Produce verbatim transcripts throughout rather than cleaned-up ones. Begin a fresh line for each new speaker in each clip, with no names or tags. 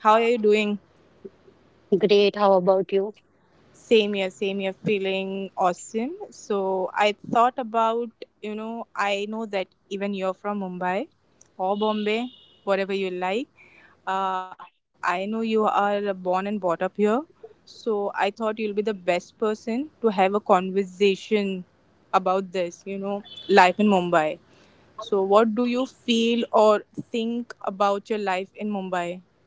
How are you doing?
great. How about you?
Same here, same here, feeling awesome. So I thought about, you know, I know that even you're from Mumbai or Bombay, whatever you like. Uh, I know you are born and brought up here. So I thought you'll be the best person to have a conversation about this, you know, life in Mumbai. So, what do you feel or think about your life in Mumbai?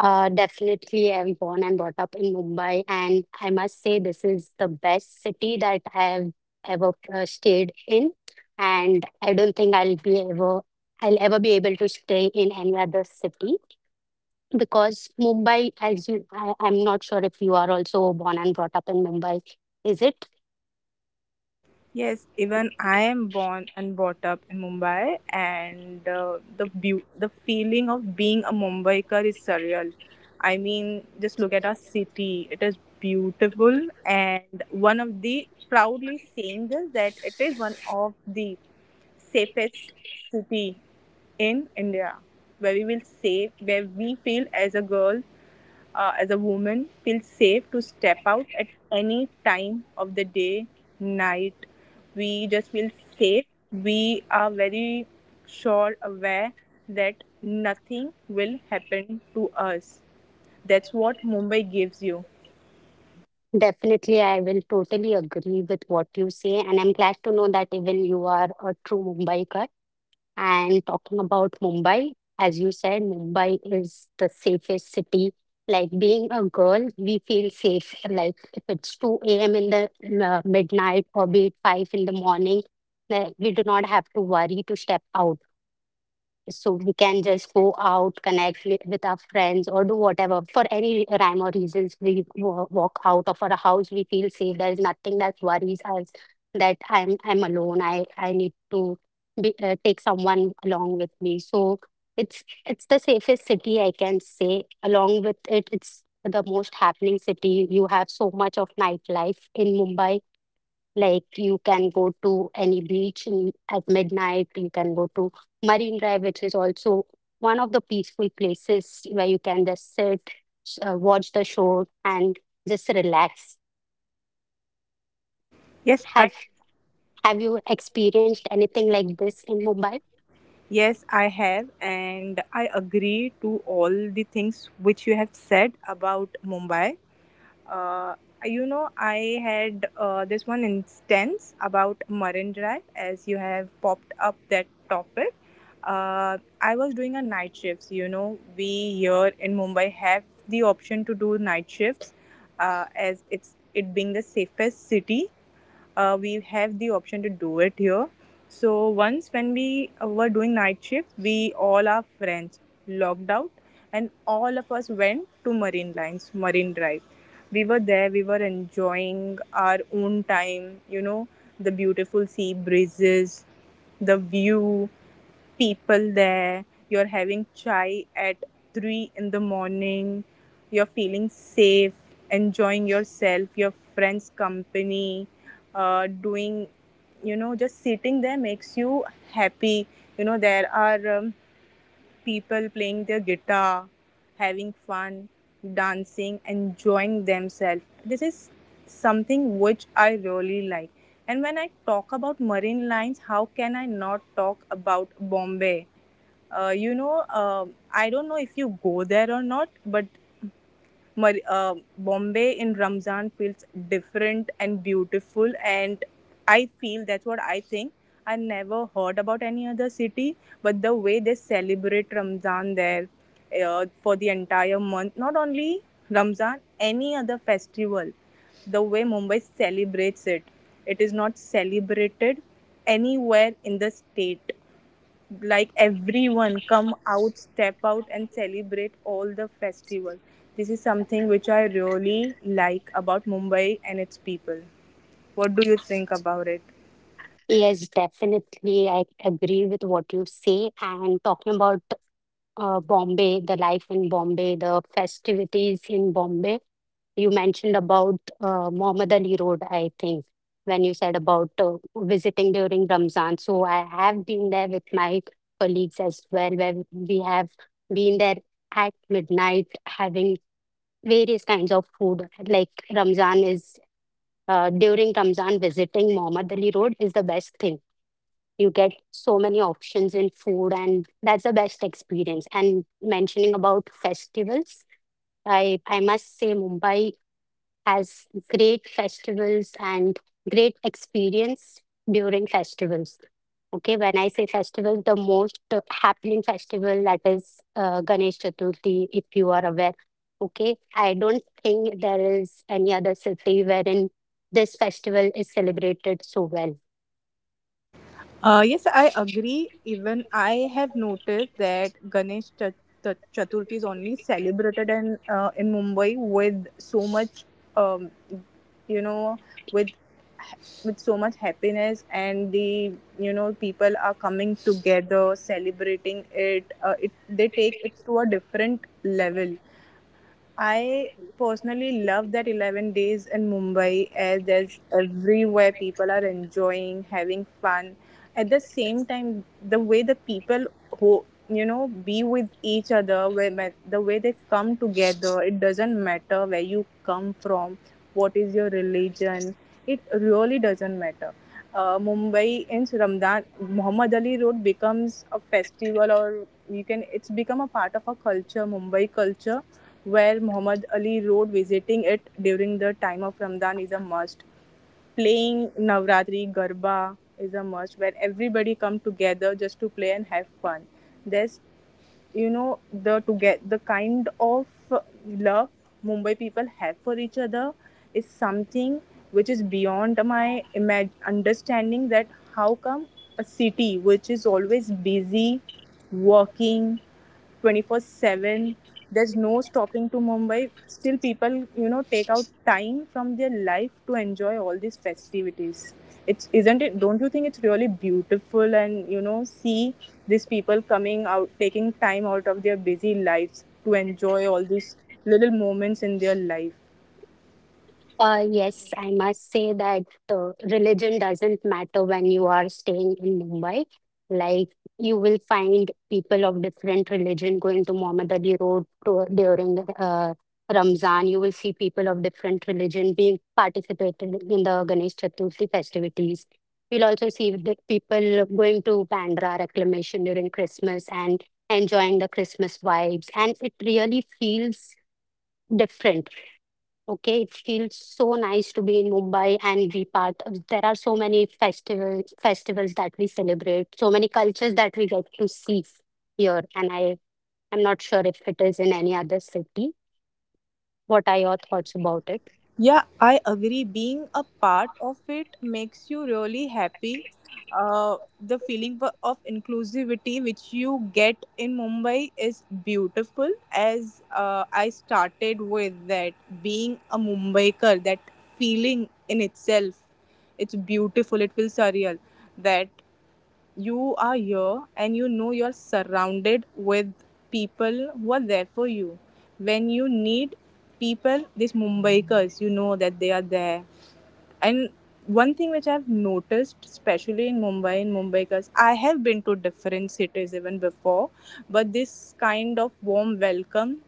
Uh, definitely, I'm born and brought up in Mumbai, and I must say this is the best city that I have ever uh, stayed in, and I don't think I'll be ever I'll ever be able to stay in any other city because Mumbai, as you, I, I'm not sure if you are also born and brought up in Mumbai, is it?
Yes, even I am born and brought up in Mumbai, and uh, the beau- the feeling of being a Mumbaikar is surreal. I mean, just look at our city; it is beautiful, and one of the proudly saying this that it is one of the safest city in India, where we will say where we feel as a girl uh, as a woman feels safe to step out at any time of the day, night. We just feel safe. We are very sure aware that nothing will happen to us. That's what Mumbai gives you.
Definitely, I will totally agree with what you say, and I'm glad to know that even you are a true Mumbaiker. And talking about Mumbai, as you said, Mumbai is the safest city. Like being a girl, we feel safe. Like if it's two a m in the uh, midnight or be it five in the morning, like, we do not have to worry to step out, so we can just go out, connect with, with our friends or do whatever. For any rhyme or reasons we wa- walk out of our house, we feel safe. There is nothing that worries us that i'm i'm alone, i i need to be, uh, take someone along with me. So it's it's the safest city, I can say. Along with it, it's the most happening city. You have so much of nightlife in Mumbai. Like you can go to any beach in, at midnight. You can go to Marine Drive, which is also one of the peaceful places where you can just sit, s- uh, watch the show, and just relax.
yes i
Have Have you experienced anything like this in Mumbai?
yes, I have, and I agree to all the things which you have said about Mumbai. Uh, you know, I had uh, this one instance about Marine Drive, as you have popped up that topic. Uh, I was doing a night shifts. You know, we here in Mumbai have the option to do night shifts, uh, as it's it being the safest city, uh, we have the option to do it here. So once when we uh, were doing night shift, we all our friends logged out, and all of us went to Marine Lines, Marine Drive. We were there, we were enjoying our own time, you know, the beautiful sea breezes, the view, people there, you're having chai at three in the morning, you're feeling safe, enjoying yourself, your friends' company, uh, doing, you know, just sitting there makes you happy. You know, there are um, people playing their guitar, having fun, dancing, enjoying themselves. This is something which I really like. And when I talk about Marine Lines, how can I not talk about Bombay? Uh, you know, uh, I don't know if you go there or not, but Mar- uh, Bombay in Ramzan feels different and beautiful, and I feel that's what I think. I never heard about any other city, but the way they celebrate Ramzan there, uh, for the entire month, not only Ramzan, any other festival, the way Mumbai celebrates it, it is not celebrated anywhere in the state. Like, everyone come out, step out and celebrate all the festival. This is something which I really like about Mumbai and its people. What do you think about it?
Yes, definitely. I agree with what you say. And talking about uh, Bombay, the life in Bombay, the festivities in Bombay. You mentioned about uh, Muhammad Ali Road, I think, when you said about uh, visiting during Ramzan. So I have been there with my colleagues as well, where we have been there at midnight having various kinds of food. Like Ramzan is uh, during Ramzan, visiting Muhammad Ali Road is the best thing. You get so many options in food, and that's the best experience. And mentioning about festivals, i i must say Mumbai has great festivals and great experience during festivals. Okay, when I say festival, the most uh, happening festival, that is uh, Ganesh Chaturthi, if you are aware. Okay, I don't think there is any other city wherein this festival is celebrated so well.
Uh, yes, I agree. Even I have noticed that Ganesh Ch- Ch- Chaturthi is only celebrated in uh, in Mumbai with so much, um, you know, with with so much happiness, and the, you know, people are coming together, celebrating it. Uh, it they take it to a different level. I personally love that eleven days in Mumbai as there's everywhere people are enjoying, having fun. At the same time, the way the people who, you know, be with each other. Where when- the way they come together, it doesn't matter where you come from, what is your religion. It really doesn't matter. Uh, mumbai in Ramadan, Muhammad Ali Road becomes a festival, or you can, it's become a part of a culture, Mumbai culture, where Muhammad Ali Road visiting it during the time of Ramadan is a must. Playing Navratri Garba is a must where everybody come together just to play and have fun. There's, you know, the to get the kind of love Mumbai people have for each other is something which is beyond my imag- understanding that how come a city which is always busy working twenty-four seven, there's no stopping to Mumbai, still people, you know, take out time from their life to enjoy all these festivities. It's, isn't it, don't you think it's really beautiful? And, you know, see these people coming out, taking time out of their busy lives to enjoy all these little moments in their life.
Uh, yes, I must say that uh, religion doesn't matter when you are staying in Mumbai. Like you will find people of different religion going to Mohammed Road to, during uh, Ramzan. You will see people of different religion being participated in the Ganesh Chaturthi festivities. You'll also see the people going to Bandra reclamation during Christmas and enjoying the Christmas vibes. And it really feels different. Okay, it feels so nice to be in Mumbai and be part of. There are so many festivals festivals that we celebrate, so many cultures that we get to see here, and I am not sure if it is in any other city. What are your thoughts about it?
Yeah, I agree. Being a part of it makes you really happy. Uh, the feeling wa- of inclusivity which you get in Mumbai is beautiful. As uh, I started with that, being a Mumbaiker, that feeling in itself, it's beautiful. It feels surreal that you are here, and you know you're surrounded with people who are there for you. When you need people, these Mumbaikars, you know that they are there. And one thing which I've noticed, especially in Mumbai, in Mumbaikars, I have been to different cities even before, but this kind of warm welcome,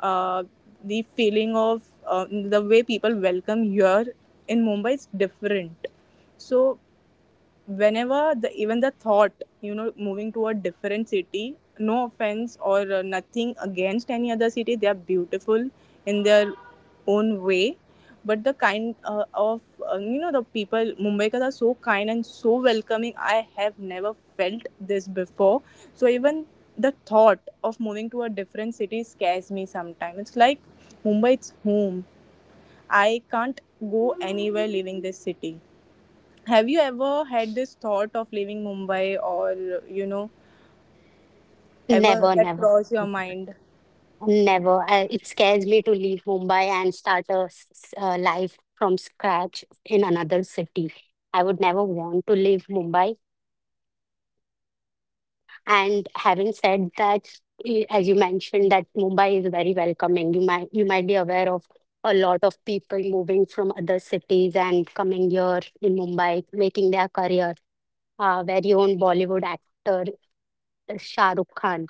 uh, the feeling of uh, the way people welcome here in Mumbai is different. So whenever the even the thought, you know, moving to a different city, no offense or uh, nothing against any other city, they are beautiful in their own way, but the kind uh, of, uh, you know, the people, Mumbaikars are so kind and so welcoming, I have never felt this before. So even the thought of moving to a different city scares me sometimes. It's like, Mumbai, it's home. I can't go anywhere leaving this city. Have you ever had this thought of leaving Mumbai, or, you know, ever
Never,
that
never,
crossed your mind?
never. I, it scares me to leave Mumbai and start a s- s- uh, life from scratch in another city. I would never want to leave Mumbai. And having said that, i- as you mentioned, that Mumbai is very welcoming. You might you might be aware of a lot of people moving from other cities and coming here in Mumbai, making their career. Our very own Bollywood actor, uh, Shah Rukh Khan.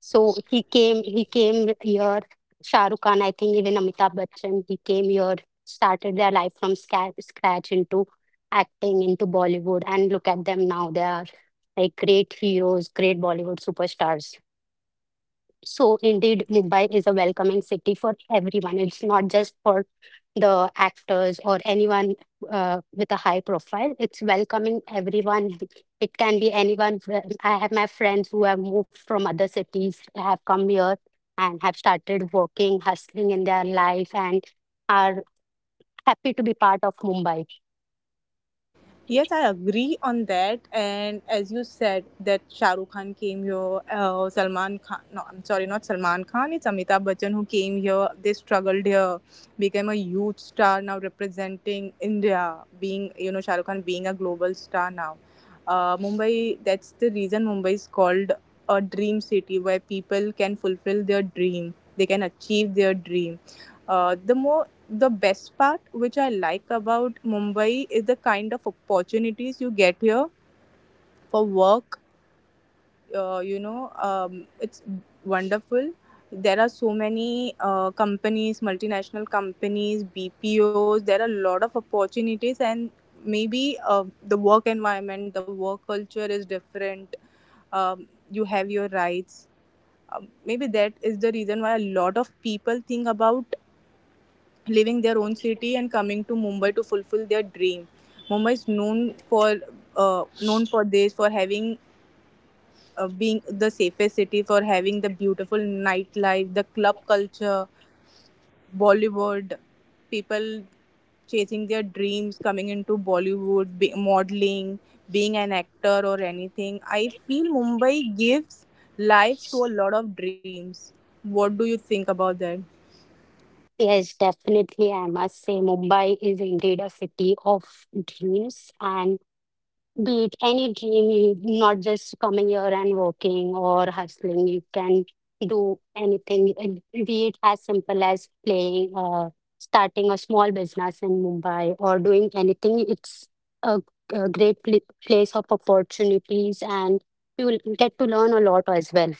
So he came he came here, Shah Rukh Khan, I think. Even Amitabh Bachchan, he came here, started their life from sca- scratch into acting, into Bollywood, and look at them now. They are like great heroes, great Bollywood superstars. So indeed, Mumbai is a welcoming city for everyone. It's not just for the actors or anyone uh, with a high profile. It's welcoming everyone. It can be anyone. I have my friends who have moved from other cities, have come here and have started working, hustling in their life, and are happy to be part of Mumbai.
Yes, I agree on that. And as you said, that Shah Rukh Khan came here, uh, Salman Khan, no, I'm sorry, not Salman Khan, it's Amitabh Bachchan who came here. They struggled here, became a huge star now representing India, being, you know, Shah Rukh Khan being a global star now. Uh, Mumbai, that's the reason Mumbai is called a dream city where people can fulfill their dream, they can achieve their dream. Uh, the more the best part which I like about Mumbai is the kind of opportunities you get here for work. Uh, you know um, it's wonderful. There are so many uh, companies, multinational companies, BPOs, there are a lot of opportunities, and maybe uh, the work environment, the work culture is different. Um, you have your rights. Um, maybe that is the reason why a lot of people think about leaving their own city and coming to Mumbai to fulfill their dream. Mumbai is known for, uh, known for this for having, uh, being the safest city, for having the beautiful nightlife, the club culture, Bollywood, people chasing their dreams, coming into Bollywood, be, modeling, being an actor or anything. I feel Mumbai gives life to a lot of dreams. What do you think about that?
Yes, definitely. I must say, Mumbai is indeed a city of dreams. And be it any dream, you not just coming here and working or hustling, you can do anything. And be it as simple as playing, or starting a small business in Mumbai, or doing anything. It's a, a great pl- place of opportunities, and you will get to learn a lot as well.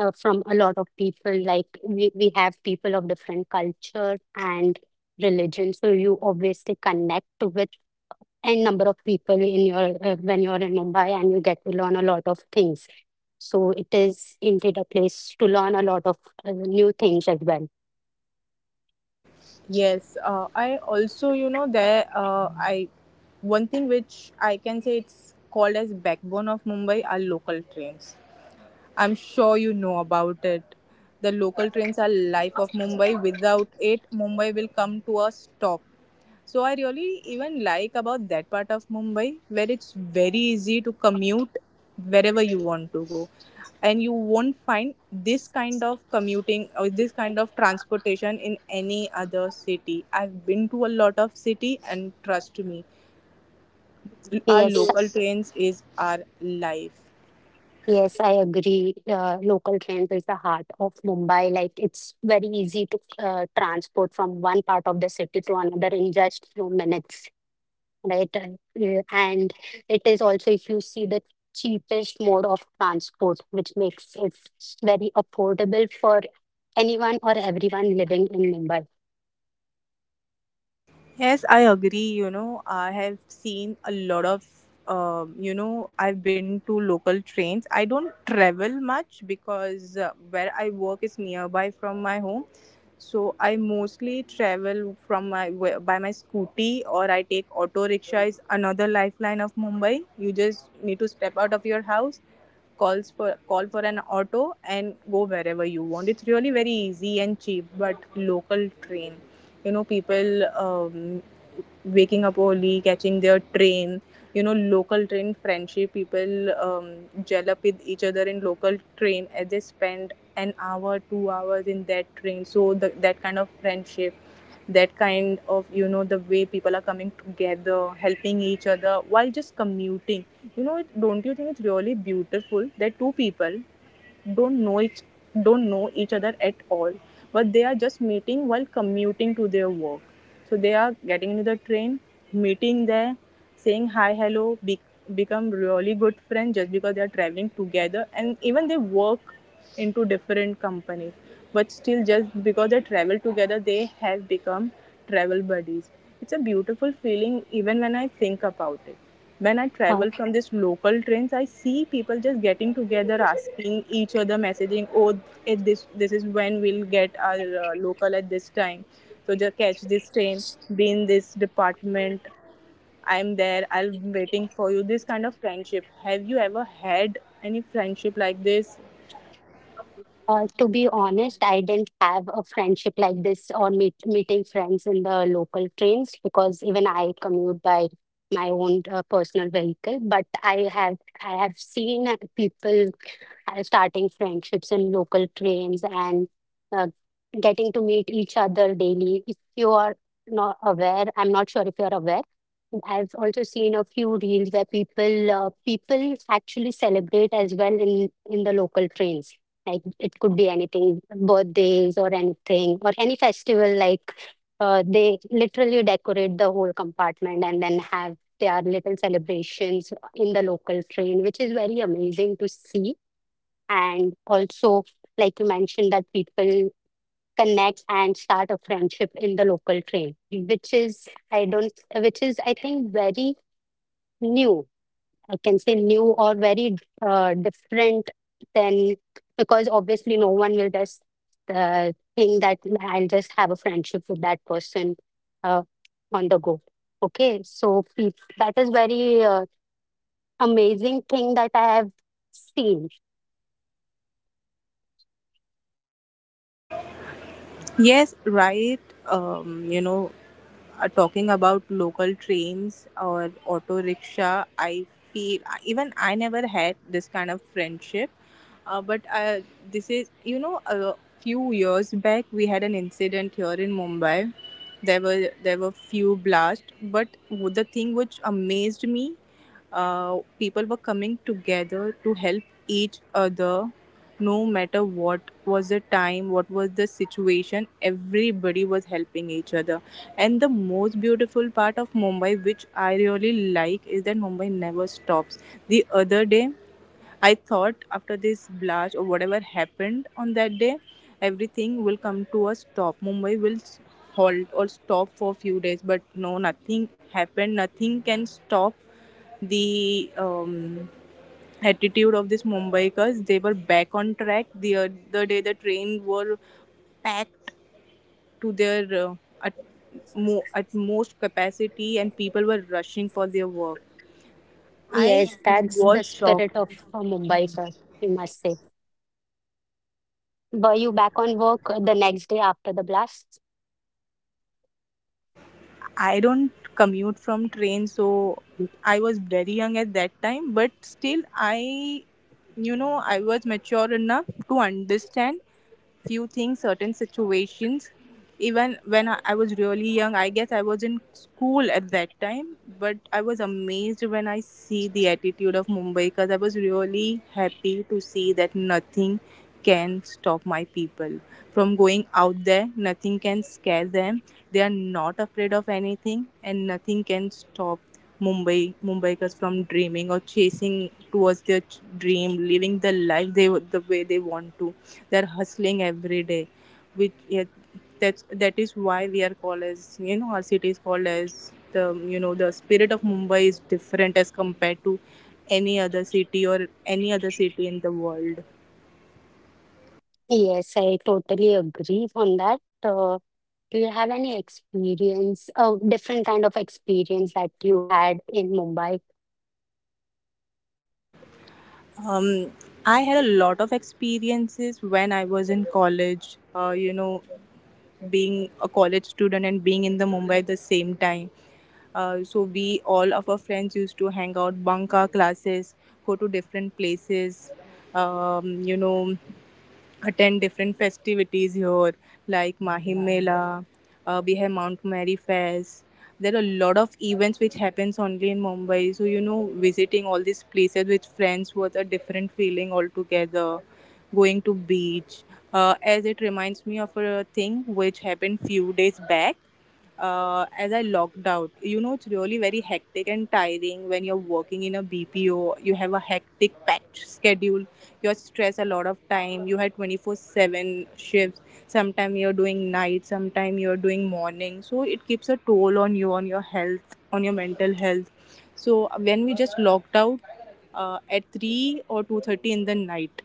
Uh, from a lot of people, like we, we have people of different culture and religion, so you obviously connect with and number of people in your uh, when you're in Mumbai, and you get to learn a lot of things. So it is indeed a place to learn a lot of uh, new things as well.
Yes, uh, I also, you know, there uh, I one thing which I can say it's called as backbone of Mumbai are local trains. I'm sure you know about it. The local trains are life of Mumbai. Without it, Mumbai will come to a stop. So I really even like about that part of Mumbai where it's very easy to commute wherever you want to go. And you won't find this kind of commuting or this kind of transportation in any other city. I've been to a lot of city, and trust me, our
yes
local trains is our life.
yes, I agree. Uh, local trains is the heart of Mumbai. Like it's very easy to uh, transport from one part of the city to another in just few minutes, right? And uh, yeah, and it is also, if you see, the cheapest mode of transport, which makes it very affordable for anyone or everyone living in Mumbai.
Yes, I agree. You know, I have seen a lot of, um, you know, I've been to local trains. I don't travel much because uh, where I work is nearby from my home. So I mostly travel from my wh- by my scooty, or I take auto rickshaw is another lifeline of Mumbai. You just need to step out of your house, calls for call for an auto and go wherever you want. It's really very easy and cheap, but local train, you know, people um, waking up early, catching their train. You know, local train friendship, people um, gel up with each other in local train as they spend an hour, two hours in that train. So the, that kind of friendship, that kind of, you know, the way people are coming together, helping each other while just commuting. You know, it- don't you think it's really beautiful that two people don't know each don't know each other at all, but they are just meeting while commuting to their work. So they are getting into the train, meeting there, saying hi, hello, be- become really good friends just because they are traveling together, and even they work into different companies, but still just because they travel together they have become travel buddies. It's a beautiful feeling even when I think about it. When I
Uh,
travel from this local trains, I see people just getting together, asking each other, messaging, "Oh, eh, this this is when we'll get our uh, local at this time, so just catch this train, be in this department. I'm there. I'm waiting for you." This kind of friendship. Have you ever had any friendship like this?
Uh, to be honest, I didn't have a friendship like this or meet, meeting friends in the local trains, because even I commute by my own uh, personal vehicle. But I have I have seen uh, people uh, starting friendships in local trains and uh, getting to meet each other daily. If you are not aware, I'm not sure if you're aware. I've also seen a few reels where people uh, people actually celebrate as well in in the local trains. Like it could be anything, birthdays or anything or any festival, like uh, they literally decorate the whole compartment and then have their little celebrations in the local train, which is very amazing to see. And also, like you mentioned, that people connect and start a friendship in the local train, which is I don't which is, I think, very new. I can say new or very uh, different than, because obviously no one will just uh, think that I'll just have a friendship with that person uh, on the go. Okay, so peop- that is very uh, amazing thing that I have seen.
Yes, right. Um, you know, uh, talking about local trains or auto rickshaw, I feel even I never had this kind of friendship. Uh, but uh, this is, you know, a few years back we had an incident here in Mumbai. There were there were few blasts, but the thing which amazed me, uh, people were coming together to help each other, no matter what was the time, what was the situation, everybody was helping each other, and the most beautiful part of Mumbai which I really like is that Mumbai never stops. The other day I thought after this blast or whatever happened on that day, everything will come to a stop, Mumbai will s- halt or stop for a few days, but no, nothing happened. Nothing can stop the um, attitude of these Mumbaikars. They were back on track the other day. The train were packed to their uh, at, mo- at most capacity, and people were rushing for their work. I
Yes, that's the
was shocked.
spirit of a Mumbai sir, we must say. Were you back on work uh, the next day after the blast?
I don't commute from train, so I was very young at that time, but still, I, you know, I was mature enough to understand few things, certain situations. Even when I I was really young, I guess I was in school at that time, but I was amazed when I see the attitude of Mumbai because I was really happy to see that nothing can stop my people from going out there, nothing can scare them, they are not afraid of anything, and nothing can stop Mumbai Mumbaikars from dreaming or chasing towards their ch- dream, living the life they the way they want to. They are hustling every day, which, yeah, that's that is why we are called as, you know, our city is called as the, you know, the spirit of Mumbai is different as compared to any other city or any other city in the world.
Yes, I totally agree on that. Uh, do you have any experience, uh, different kind of experience that you had in Mumbai?
Um, I had a lot of experiences when I was in college. Uh, you know, being a college student and being in the Mumbai at the same time. Uh, so we all of our friends used to hang out, bunk our classes, go to different places, um, you know, attend different festivities here like Mahim Mela, uh, we have Mount Mary Fest. There are a lot of events which happens only in Mumbai. So you know, visiting all these places with friends was a different feeling altogether. Going to beach, uh, as it reminds me of a thing which happened few days back, uh, as I logged out. You know, it's really very hectic and tiring when you're working in a B P O. You have a hectic packed schedule. You're stressed a lot of time. You had twenty-four seven shifts. Sometimes you're doing night, sometimes you're doing morning. So it keeps a toll on you, on your health, on your mental health. So when we just logged out uh, at three or two thirty in the night,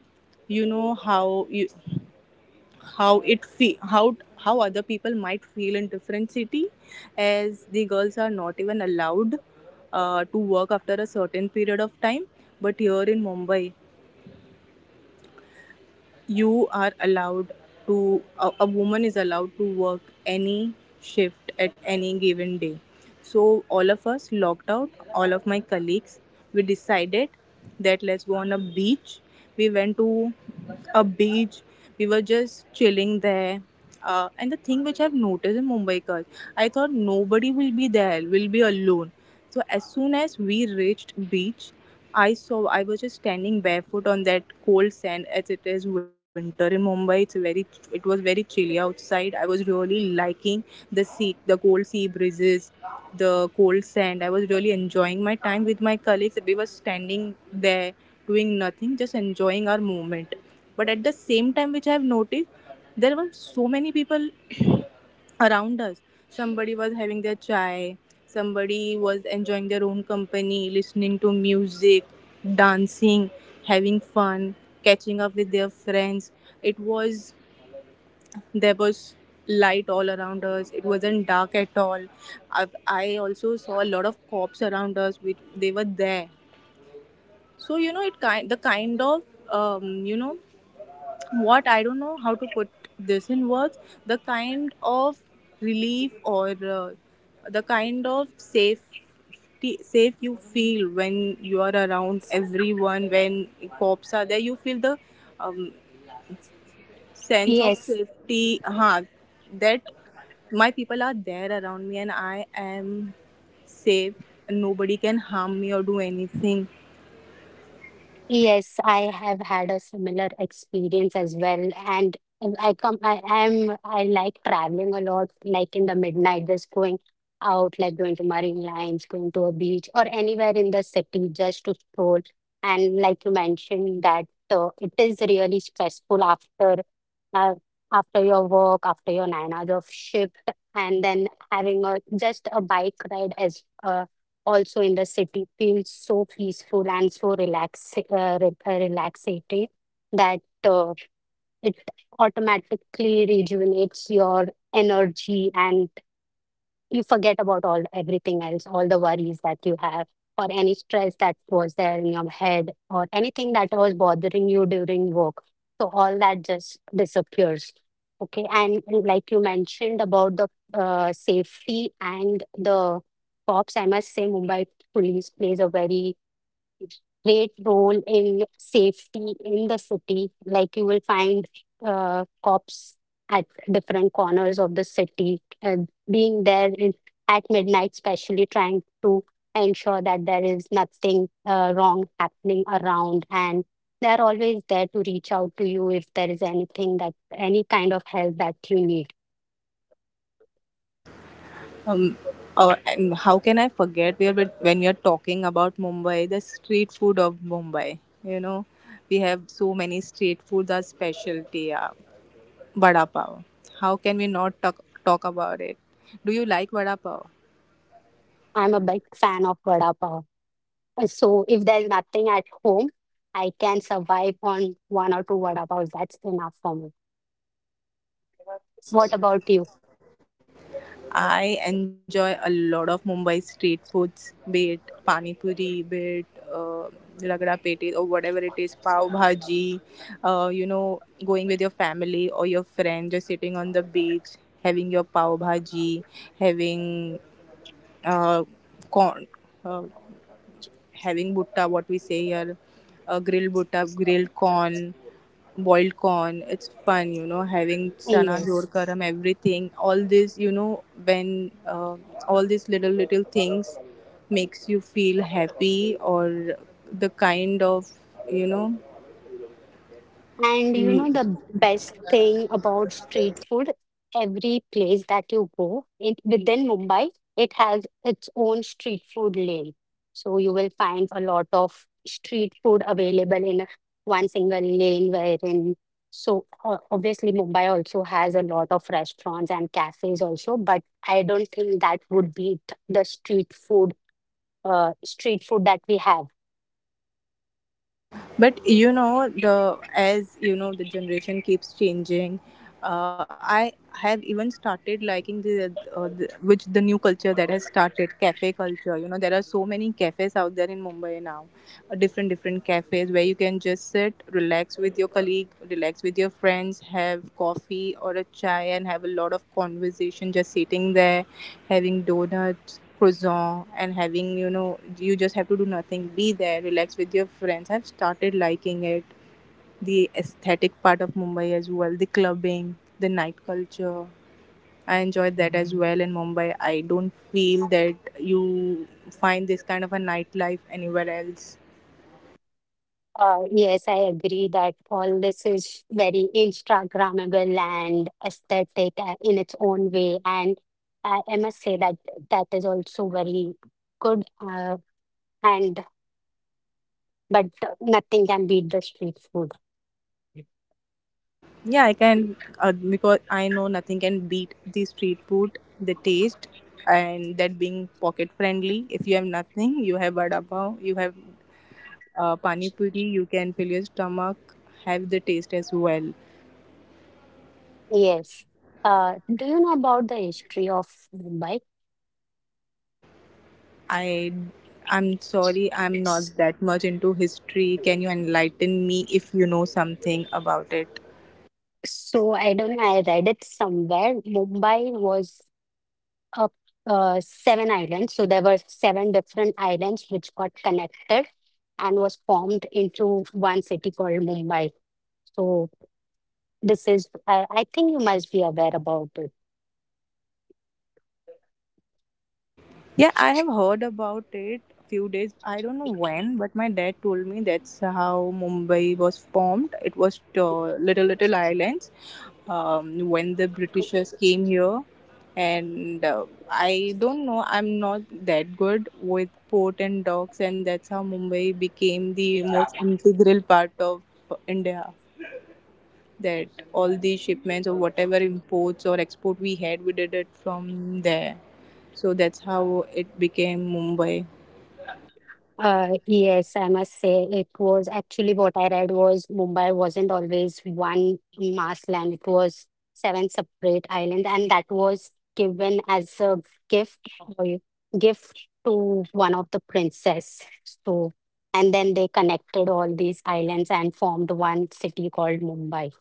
you know how you how it fe- how how other people might feel in different city, as the girls are not even allowed uh, to work after a certain period of time, but here in Mumbai you are allowed to a, a woman is allowed to work any shift at any given day. So all of us locked out, all of my colleagues, we decided that let's go on a beach. We went to a beach, we were just chilling there. uh, and the thing which I've noticed in Mumbai cars, I thought nobody will be there, we'll be alone. So as soon as we reached beach, I saw I was just standing barefoot on that cold sand, as it is winter in Mumbai. It's very it was very chilly outside. I was really liking the sea, the cold sea breezes, the cold sand. I was really enjoying my time with my colleagues. We were standing there doing nothing, just enjoying our moment. But at the same time, which I have noticed, there were so many people around us. Somebody was having their chai, somebody was enjoying their own company, listening to music, dancing, having fun, catching up with their friends. It was, there was light all around us, it wasn't dark at all. I, I also saw a lot of cops around us, which they were there. So, you know, it kind the kind of, um, you know what I don't know how to put this in words, the kind of relief or, uh, the kind of safety safe you feel when you are around everyone, when cops are there you feel the, um, sense of
Yes.
safety, huh, that my people are there around me and I am safe, nobody can harm me or do anything.
Yes, I have had a similar experience as well. And I come, I am, I like traveling a lot, like in the midnight, just going out, like going to marine lines, going to a beach, or anywhere in the city just to stroll. And like you mentioned, that uh, it is really stressful after uh, after your work, after your nine hours of shift, and then having a just a bike ride, as uh, also in the city feels so peaceful and so relax, uh, re- uh, relaxating, that uh, it automatically rejuvenates your energy, and you forget about all everything else, all the worries that you have or any stress that was there in your head or anything that was bothering you during work. So all that just disappears. Okay, and like you mentioned about the uh, safety and the cops, I must say Mumbai police plays a very great role in safety in the city. Like you will find uh, cops at different corners of the city, uh, being there in, at midnight, especially trying to ensure that there is nothing uh, wrong happening around. And they're always there to reach out to you if there is anything, that any kind of help that you need.
Uh, and how can I forget? We are but when we are talking about Mumbai, the street food of Mumbai. You know, we have so many street foods. Our specialty, uh, vada pav. How can we not talk talk about it? Do you like vada pav?
I'm a big fan of Vada Pav. Uh, So if there's nothing at home, I can survive on one or two vada paos. That's enough for me. What about you?
I enjoy a lot of Mumbai street foods, be it pani puri, be it, uh, ragda pete or whatever it is, pav bhaji. Uh, you know, going with your family or your friend, just sitting on the beach, having your pav bhaji, having, uh, corn. Uh, having butta, what we say here, uh, grilled butta, grilled corn, boiled corn. It's fun, you know, having chana, jor
Yes.
karam, everything. All this, you know, when uh, all these little little things makes you feel happy or the kind of, you know
And you know the best thing about street food, every place that you go it, within Mumbai, it has its own street food lane. So you will find a lot of street food available in a- one single lane wherein, so o- obviously Mumbai also has a lot of restaurants and cafes also, but I don't think that would beat the street food uh, street food that we have.
but you know the, as you know, the generation keeps changing. Uh, i have even started liking the, uh, the which the new culture that has started, cafe culture. You know there are so many cafes out there in Mumbai now, uh, different different cafes where you can just sit, relax with your colleague, relax with your friends, have coffee or a chai and have a lot of conversation just sitting there, having donuts, croissant, and having, you know, you just have to do nothing, be there, relax with your friends. I've started liking it, the aesthetic part of Mumbai as well, the clubbing, the night culture. I enjoyed that as well in Mumbai. I don't feel that you find this kind of a nightlife anywhere else.
Uh, yes, I agree that all this is very Instagrammable and aesthetic uh, in its own way. And I, I must say that that is also very good. Uh, and but nothing can beat the street food.
Yeah, I can, uh, because I know nothing can beat the street food, the taste, and that being pocket friendly. If you have nothing, you have vada pav, you have, uh, pani puri, you can fill your stomach, have the taste as well.
Yes. Uh, do you know about the history of Mumbai?
I i'm sorry, I'm not
S-
that much into history. Can you enlighten me if you know something about it?
So I don't know. I read it somewhere. Mumbai was uh, uh, seven islands. So there were seven different islands which got connected and was formed into one city called Mumbai. So this is, I I think you must be aware about it.
Yeah, I have heard about it a few days. I don't know when, but my dad told me that's how Mumbai was formed. It was, uh, little little islands, um, when the Britishers came here, and uh, I don't know. I'm not that good with port and docks, and that's how Mumbai became the most integral part of India, that all the shipments or whatever imports or export we had, we did it from there. So that's how it became Mumbai.
Uh, yes, I must say it was actually what I read was Mumbai wasn't always one mass land. It was seven separate islands, and that was given as a gift or gift to one of the princess. So, and then they connected all these islands and formed one city called Mumbai.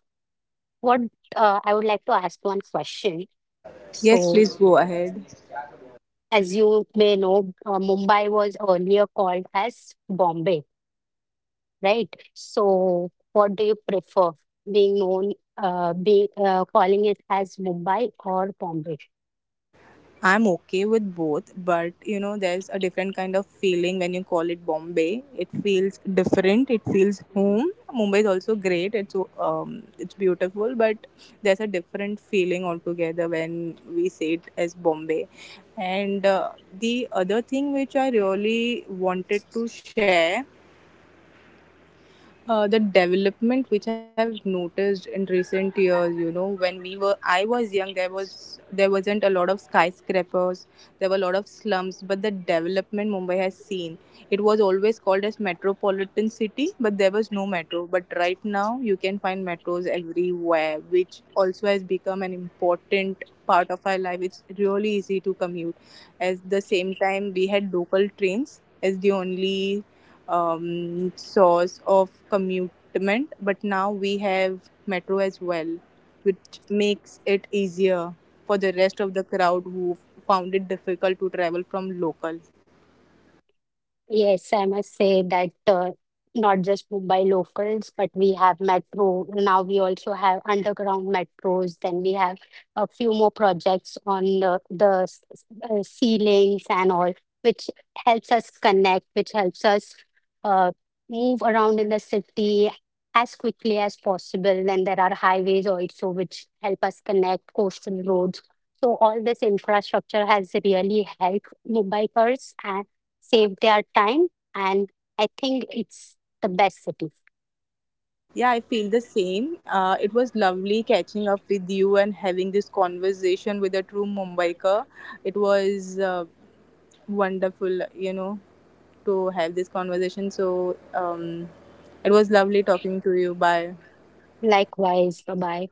What uh, I would like to ask one question.
Yes,
So,
please go ahead.
as you may know, uh, Mumbai was earlier called as Bombay, right? So, what do you prefer, being known, uh, be uh, calling it as Mumbai or Bombay?
I'm okay with both, but you know, there's a different kind of feeling when you call it Bombay. It feels different. It feels home. Mumbai is also great. It's, um, it's beautiful, but there's a different feeling altogether when we say it as Bombay. And uh, the other thing which I really wanted to share, uh, the development which I've noticed in recent years. You know, when we were, I was young, there was there wasn't a lot of skyscrapers, there were a lot of slums, but the development Mumbai has seen, it was always called as metropolitan city, but there was no metro. But right now, you can find metros everywhere, which also has become an important part of our life. It's really easy to commute. At the same time, we had local trains as the only, um, source of commutement, but now we have metro as well, which makes it easier for the rest of the crowd who found it difficult to travel from local.
Yes, I must say that uh, not just Mumbai locals, but we have metro. Now we also have underground metros. Then we have a few more projects on the, the s- s- uh, ceilings and all, which helps us connect, which helps us uh, move around in the city as quickly as possible. Then there are highways also, which help us connect coastal roads. So all this infrastructure has really helped Mumbaikars save their time, and I think it's the best city.
Yeah, I feel the same. Uh, it was lovely catching up with you and having this conversation with a true Mumbaiker. It was, uh, wonderful, you know, to have this conversation. So, um, it was lovely talking to you. Bye.
Likewise, bye bye.